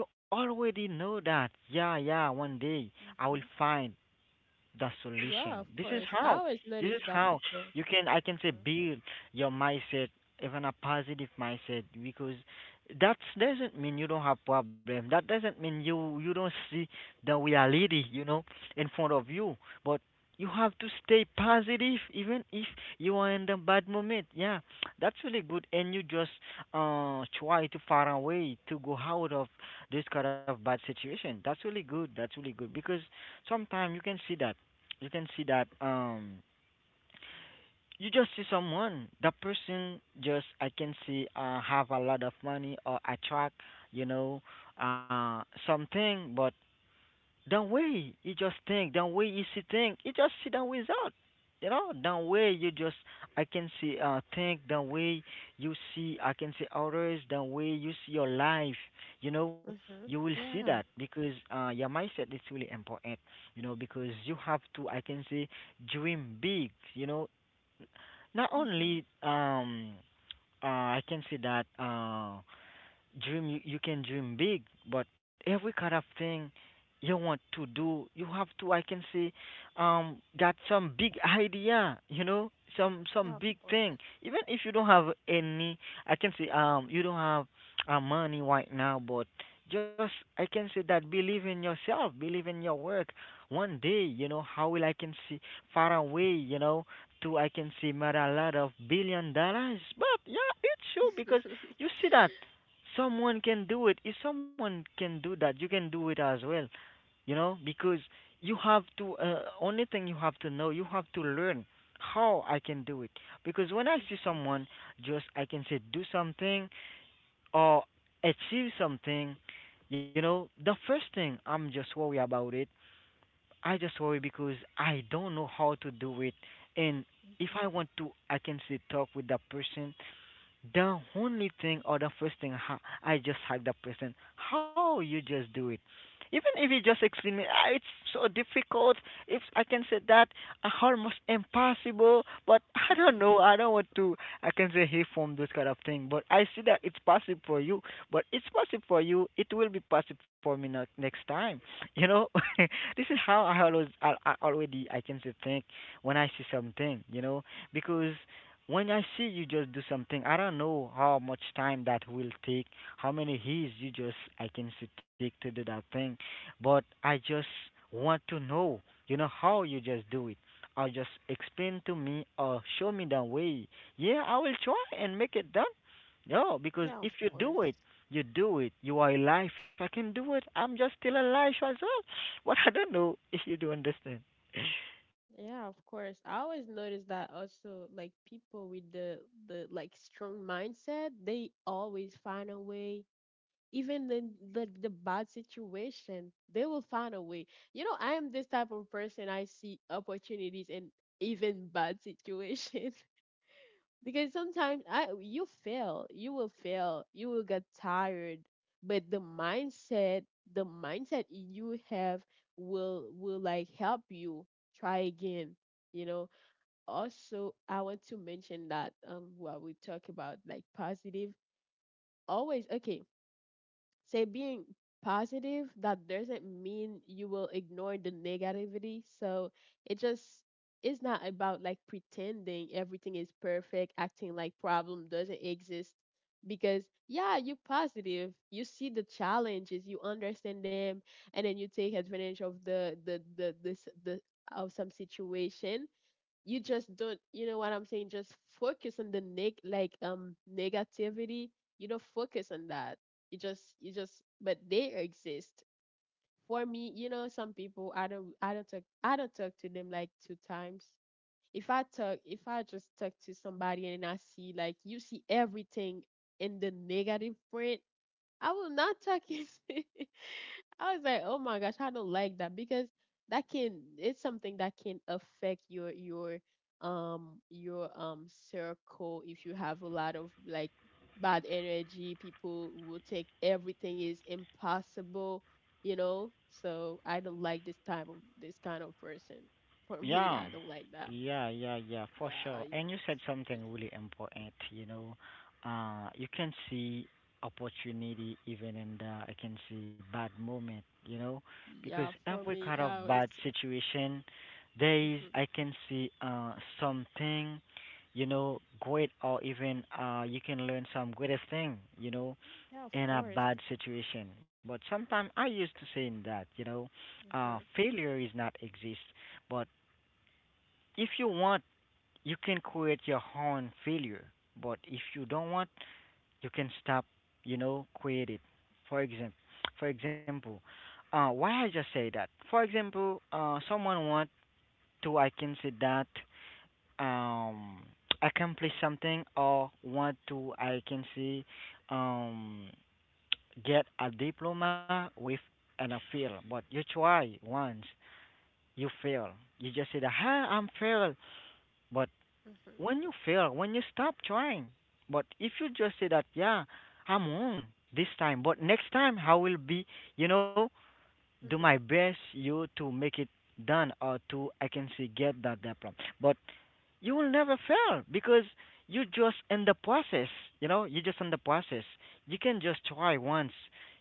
you already know that. Yeah, yeah, one day I Mm-hmm. will find the Yeah, of solution. This is course. I how. always This notice is that how people... you can, I can say, Mm-hmm. build your mindset, even a positive mindset, because that doesn't mean you don't have problem. That doesn't mean you don't see the reality, you know, in front of you. But you have to stay positive even if you are in the bad moment. Yeah, that's really good. And you just try to find a way to go out of this kind of bad situation. That's really good. That's really good because sometimes you can see that, you can see that you just see someone, that person just, I can see, have a lot of money or attract, you know, something. But the way you just think, the way you see things, you just see the result. You know, the way you just, I can see, think, the way you see, I can see, others, the way you see your life, you know, you Mm-hmm. will see that Yeah. because your mindset is really important, you know, because you have to, I can say, dream big, you know, not Mm-hmm. only, uh, I can say that, dream, you can dream big, but every kind of thing you want to do, you have to, I can say, got some big idea, you know, some Yeah, of some big course. thing, even if you don't have any, I can say, you don't have money right now, but just, I can say, that believe in yourself, believe in your work. One day, you know, how will, I can see, far away, you know, to, I can see, matter a lot of billion dollars. But yeah, it's true because you see that someone can do it. If someone can do that, you can do it as well, you know, because you have to, only thing you have to know, you have to learn how I can do it. Because when I see Mm-hmm. someone just, I can say, do something or achieve something, you know, the first thing I'm just worried about it, I just worry because I don't know how to do it. And if Mm-hmm. I want to, I can say, talk with that person, the only thing or the first thing, I just hug the person. How you just do it? Even if you just explain me, "Ah, it's so difficult. If I can say that, ah, almost impossible. But I don't Mm-hmm. know. I don't want to. I can say he form those kind of thing. But I see that it's possible for you. But it's possible for you. It will be possible for me not next time. You know," this is how I Mm-hmm. always I already, I can say, think when I see something. You know, because when I see you just do something, I don't know how much time that will take, how many years you just, I can see, take to do that thing, but I just want to know, you know, how you just do it. Or just explain to me or show me the way. Yeah, I will try and make it done. No, because Yeah, of if you do it, course. you do it. You are alive. I can do it. I'm just still alive as well. But I don't know if you do understand. Yeah, of course. I always notice that also, like, people with the like strong mindset, they always find a way. Even the bad situation, they will find a way. You know, I am this type of person. I see opportunities in even bad situation. Because sometimes I... you fail, you will get tired, but the mindset you have will like help you try again. You know. Also, I want to mention that, what we talk about like positive, always okay, say being positive, that doesn't mean you will ignore the negativity. So it just... it's not about like pretending everything is perfect, acting like problem doesn't exist, because yeah, you positive, you see the challenges, you understand them, and then you take advantage of the this the of some situation. You just don't, you know what I'm saying, just focus on the neg like, negativity. You don't focus on that. You just but they exist. For me, you know, some people, I don't talk to them like two times. If I just talk to somebody and I see, like, you see everything in the negative print, I will not talk. It... I was like, oh my gosh, I don't like that, because that can... it's something that can affect your circle. If you have a lot of like bad energy, people will take everything is impossible, you know. So I don't like this type of... this kind of person. For me, Yeah, I don't like that. yeah, yeah, yeah, for Yeah, sure. y- And you said y- something really important, you know. You can see opportunity even in the, I can see, bad moment, you know, because yeah. For every kind me, of I bad always... situation, there is, Hmm. I can see, something, you know, great or even, you can learn some greatest thing, you know, Yeah, of in a course. bad situation. But sometimes I used to saying that, you know, Hmm. Hmm. failure is not exist, but if you want, you can create your own failure, but if you don't want, you can stop, you know, create it. For example, for example, why I just say that? For example, someone want to, I can say that, um, accomplish something or want to, I can say, um, get a diploma with an appeal, but you try once, you fail. You just say that, huh, I'm failed, but when Hmm. you fail, when you stop trying. But if you just say that, yeah, I'm wrong this time, but next time I will be, you know, do my Hmm. best you to make it done or to, I can see, get that diploma. But you will never fail because you just in the process, you know, you just in the process. You can just try once,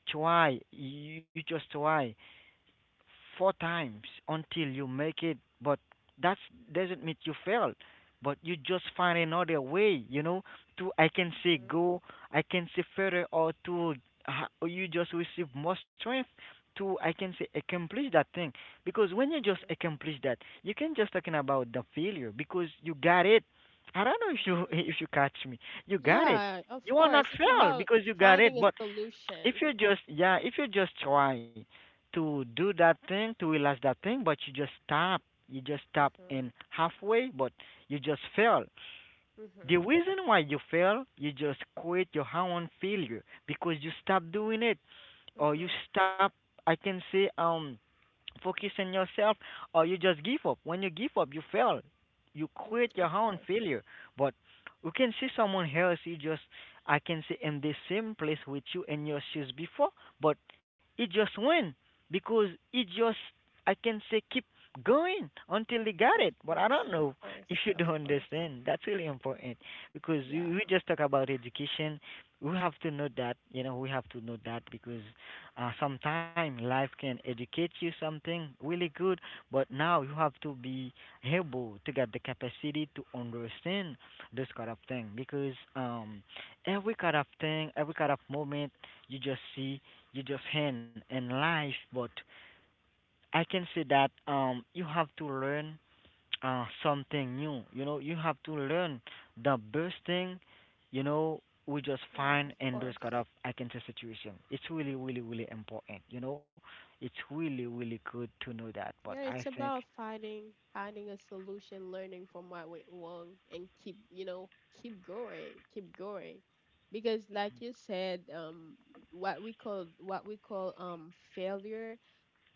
try, you just try four times until you make it, but that doesn't mean you failed. But you just find another way, you know, to, I can say, go, I can say, further, or to or you just receive more strength to, I can say, accomplish that thing. Because when you just Hmm. accomplish that, you can just talking about the failure because you got it. I don't know if you Hmm. if you catch me, you got it. Yeah, You of are not course. It's failed about because you got it, finding a but if solution. you just, yeah, if you just try to do that thing to realize that thing, but you just stop, you just stop Mhm. in halfway, but you just fail. The Mhm. reason why you fail, you just quit your own failure because you stop doing it or you Mhm. stop, I can say, focus on yourself, or you just give up. When you give up, you fail. You Mhm. quit your Of own course. failure. But you can see someone else, you just, I can say, in the same place with you, in your shoes before, but it just went because it just, I can say, keep going until they got Of it. But I course. don't Of know course. if you Of don't course. understand. That's really important because Yeah. we just talk about education. We have to know that, you know, we have to know that because sometime life can educate you something really good, but now you have to be able to get the capacity to understand this kind of thing because every kind of thing, every kind of moment you just see, you just hand in life. But I can say that, you have to learn something new. You know, you have to learn the best thing, you know, we just Yeah, find of in those kind course. of, I can say, situation. It's really, really, really important, you know. It's really, really good to know that. But Yeah, I it's think, about finding a solution, learning from what went wrong, and keep, you know, keep going, keep going. Because, like you said, what we call, failure,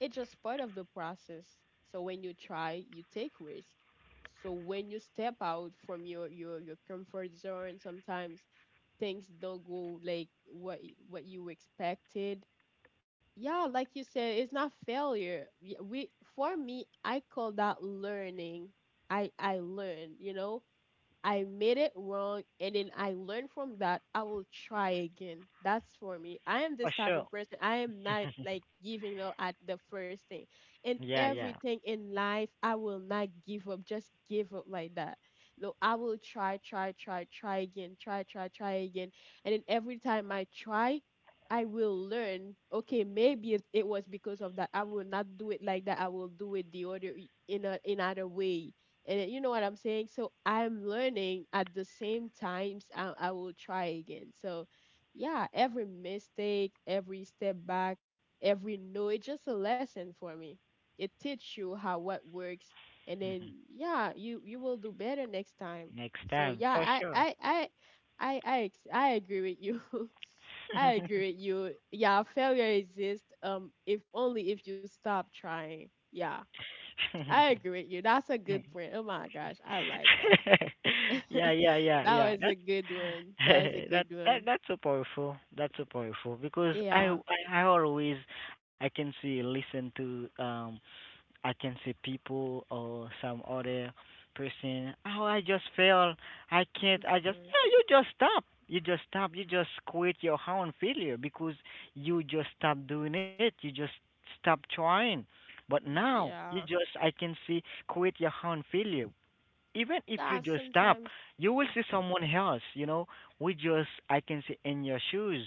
it's just part of the process. So when you try, you take risk. So when you step out from your comfort zone, sometimes things don't go like what what you expected. Yeah, like you said, it's not failure. We... for me, I call that learning. I learn, you know, I made it wrong, and then I learn from that, I will try again. That's for me. I am this for type sure. of person. I am not like giving up at the first thing. And Yeah, yeah. everything in life, I will not give up, just give up like that. No, I will try, try, try, try again, try, try, try again. And then every time I try, I will learn, okay, maybe it was because of that. I will not do it like that. I will do it the other, in other way, and you know what I'm saying. So I'm learning at the same times. I will try again. So yeah, every mistake, every step back, every no, it's just a lesson for me. It teaches you how, what works, and then yeah, you will do better next time. Next So time, yeah, for sure. I agree with you. I agree with you. Yeah, failure exists. If only if you stop trying. Yeah. I agree with you. That's a good point. Oh my gosh, I like that. Yeah, yeah, yeah, That yeah. was a That's good one. That was a that good that one. that's so powerful. That's so powerful because I Yeah. I, I always I can see listen to I can see people or some other person. Oh, I just fail. I can't. I just Hmm. yeah. You just stop. You just stop. You just quit your own failure because you just stop doing it. You just stop trying. But now Yeah. you just I can see quit your own failure even if you Yeah. just stop, Sometimes. you will see Mhm, someone else. We just I can see in your shoes,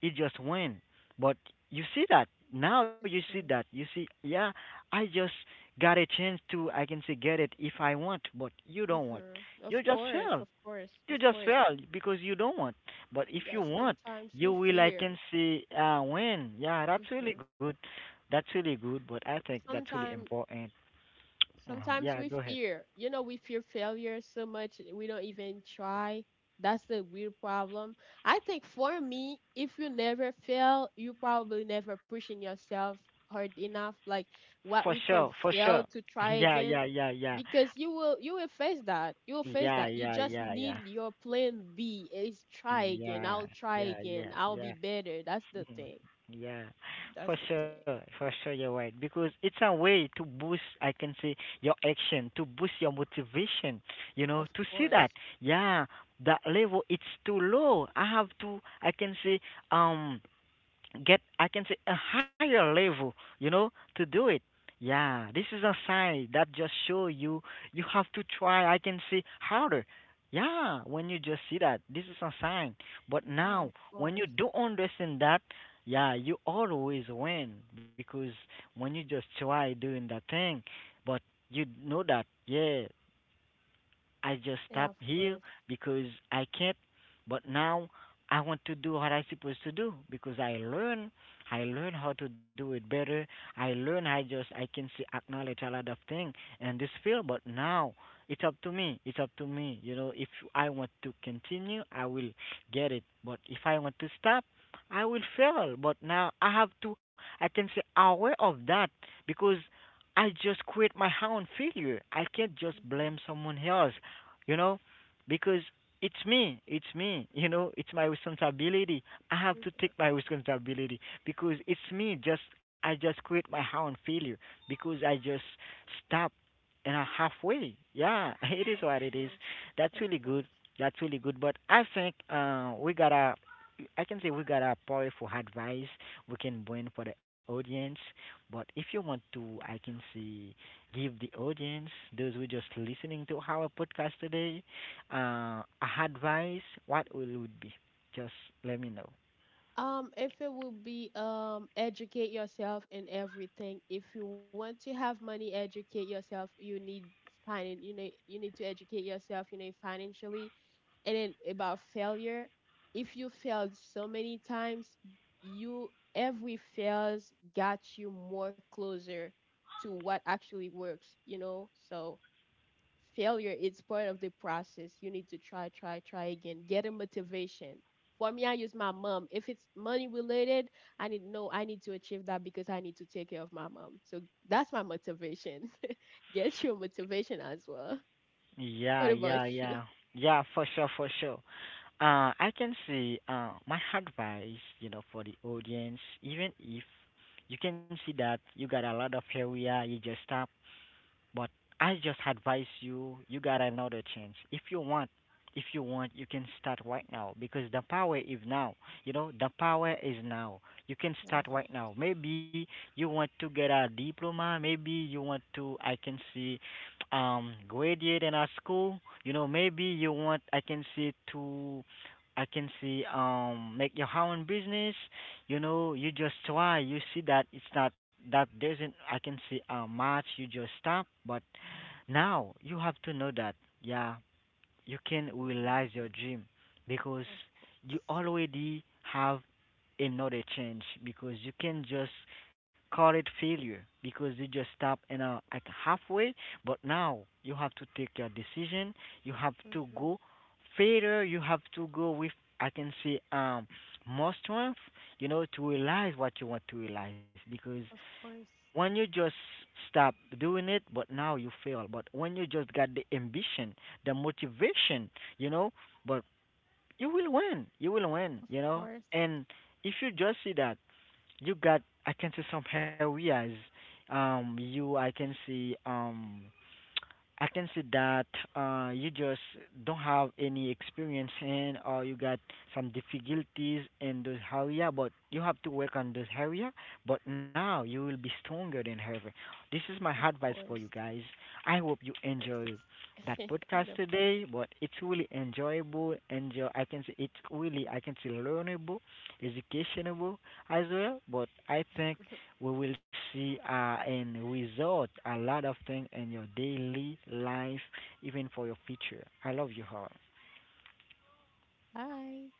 you just win. But you see that now, you see that mhm, you see, yeah, I just got a chance to I can say get it if I want, but you don't want. mhm. You Of just course, fail. of course, You of just course. fail because you don't want. But if Yeah, you want, sometimes you we will I fear. can see win. Yeah, that's really Hmm. good. That's really good. But I think that's really Sometimes important. Sometimes Yeah, we go ahead. fear, you know, we fear failure so much, we don't even try. That's the weird problem. I think for me, if you never fail, you probably never pushing yourself hard enough. Like, what For we call sure, for fail sure. to try Yeah, again, yeah, yeah, yeah. because you will face that, you will face that. Yeah, You yeah, just yeah, need yeah. your plan B is try again, I'll Yeah, try yeah, again, I'll yeah, be yeah. better. That's the thing. Mhm. Yeah, That's the thing. For sure, you're right. Because it's a way to boost, I can say, your action, to boost your motivation, you Of know, to see course. that, yeah, that level, it's too low. I have to, I can say, um, get I can say a higher level, you know, to do it. Yeah, this is a sign that just show you you have to try. I can say harder. Yeah, when you just see that, this is a sign. But Yeah, now, of when you course. do understand that, yeah, you always win because when you just try doing that thing, but you know that, yeah, I just stop Yeah, of here course. because I can't. But now I want to do what I supposed to do because I learn. I learn how to do it better. I learn. I just I can see acknowledge a lot of things in this field. But now it's up to me. It's up to me. You know, if I want to continue, I will get it. But if I want to stop, I will fail. But now I have to. I can say aware of that because I just create my own failure. I can't just Mm-hmm. blame someone else, you know, because it's me, you know, it's my responsibility. I have to take Mhm. my responsibility because it's me. Just I just create my own failure because I just stop and a halfway. Yeah, it is Of what it is. course. That's Of really good. course. That's really good. But I think we got a, I can say we got a powerful advice we can bring for the audience. But if you want to, I can say, give the audience, those who just listening to our podcast today, a advice. What will it be? Just let me know. If it will be, educate yourself in everything. If you want to have money, educate yourself. You need finding... you need to educate yourself, you know, financially. And then about failure. If you failed so many times, you... every fails got you more closer to what actually works, you know. So failure, it's part of the process. You need to try, try, try again, get a motivation. For me, I use my mom. If it's money related, I need, no, I need to achieve that, because I need to take care of my mom, so that's my motivation. Get your motivation as well. What Yeah, about yeah, you? yeah. Yeah, for sure, for sure. I can see my advice, you know, for the audience, even if you can see that you got a lot of area, you just stop but I just advise you, you got another chance. If you want, you can start right now because the power is now. You know, the power is now. You can Yeah, of start right course. now. Maybe you want to get a diploma. Maybe you want to, I can see, graduate in a school. You know, maybe you want, I can see, to, I can see, make your own business. You know, you just try, you see that it's not that doesn't I can see how much you just stop but now you have to know that, yeah, you can Yeah, realize your dream because of course. you already have another change because you can just call it failure because you just stop in a, at halfway but now you have to take your decision, you have to Hmm. go further, you have to go with I can say more strength, you know, to realize what you want to realize because Of course. when you just stop doing it but now you fail but when you just got the ambition, the motivation, you know, but you will win, you will win, Of you know, course. and if you just see that you got I can see some areas. You I can see that you just don't have any experience in, or you got some difficulties in those area, but you have to work on those area. But now you will be stronger than ever. This is my Of course. Of advice for course. you guys. I hope you enjoy that Mhm. podcast Nobody. today, but it's really enjoyable. Enjoy. I can say it's really I can say learnable, educationable, as well. But I think we will see in result a lot of things in your daily life, even for your future. I love you all. Hi.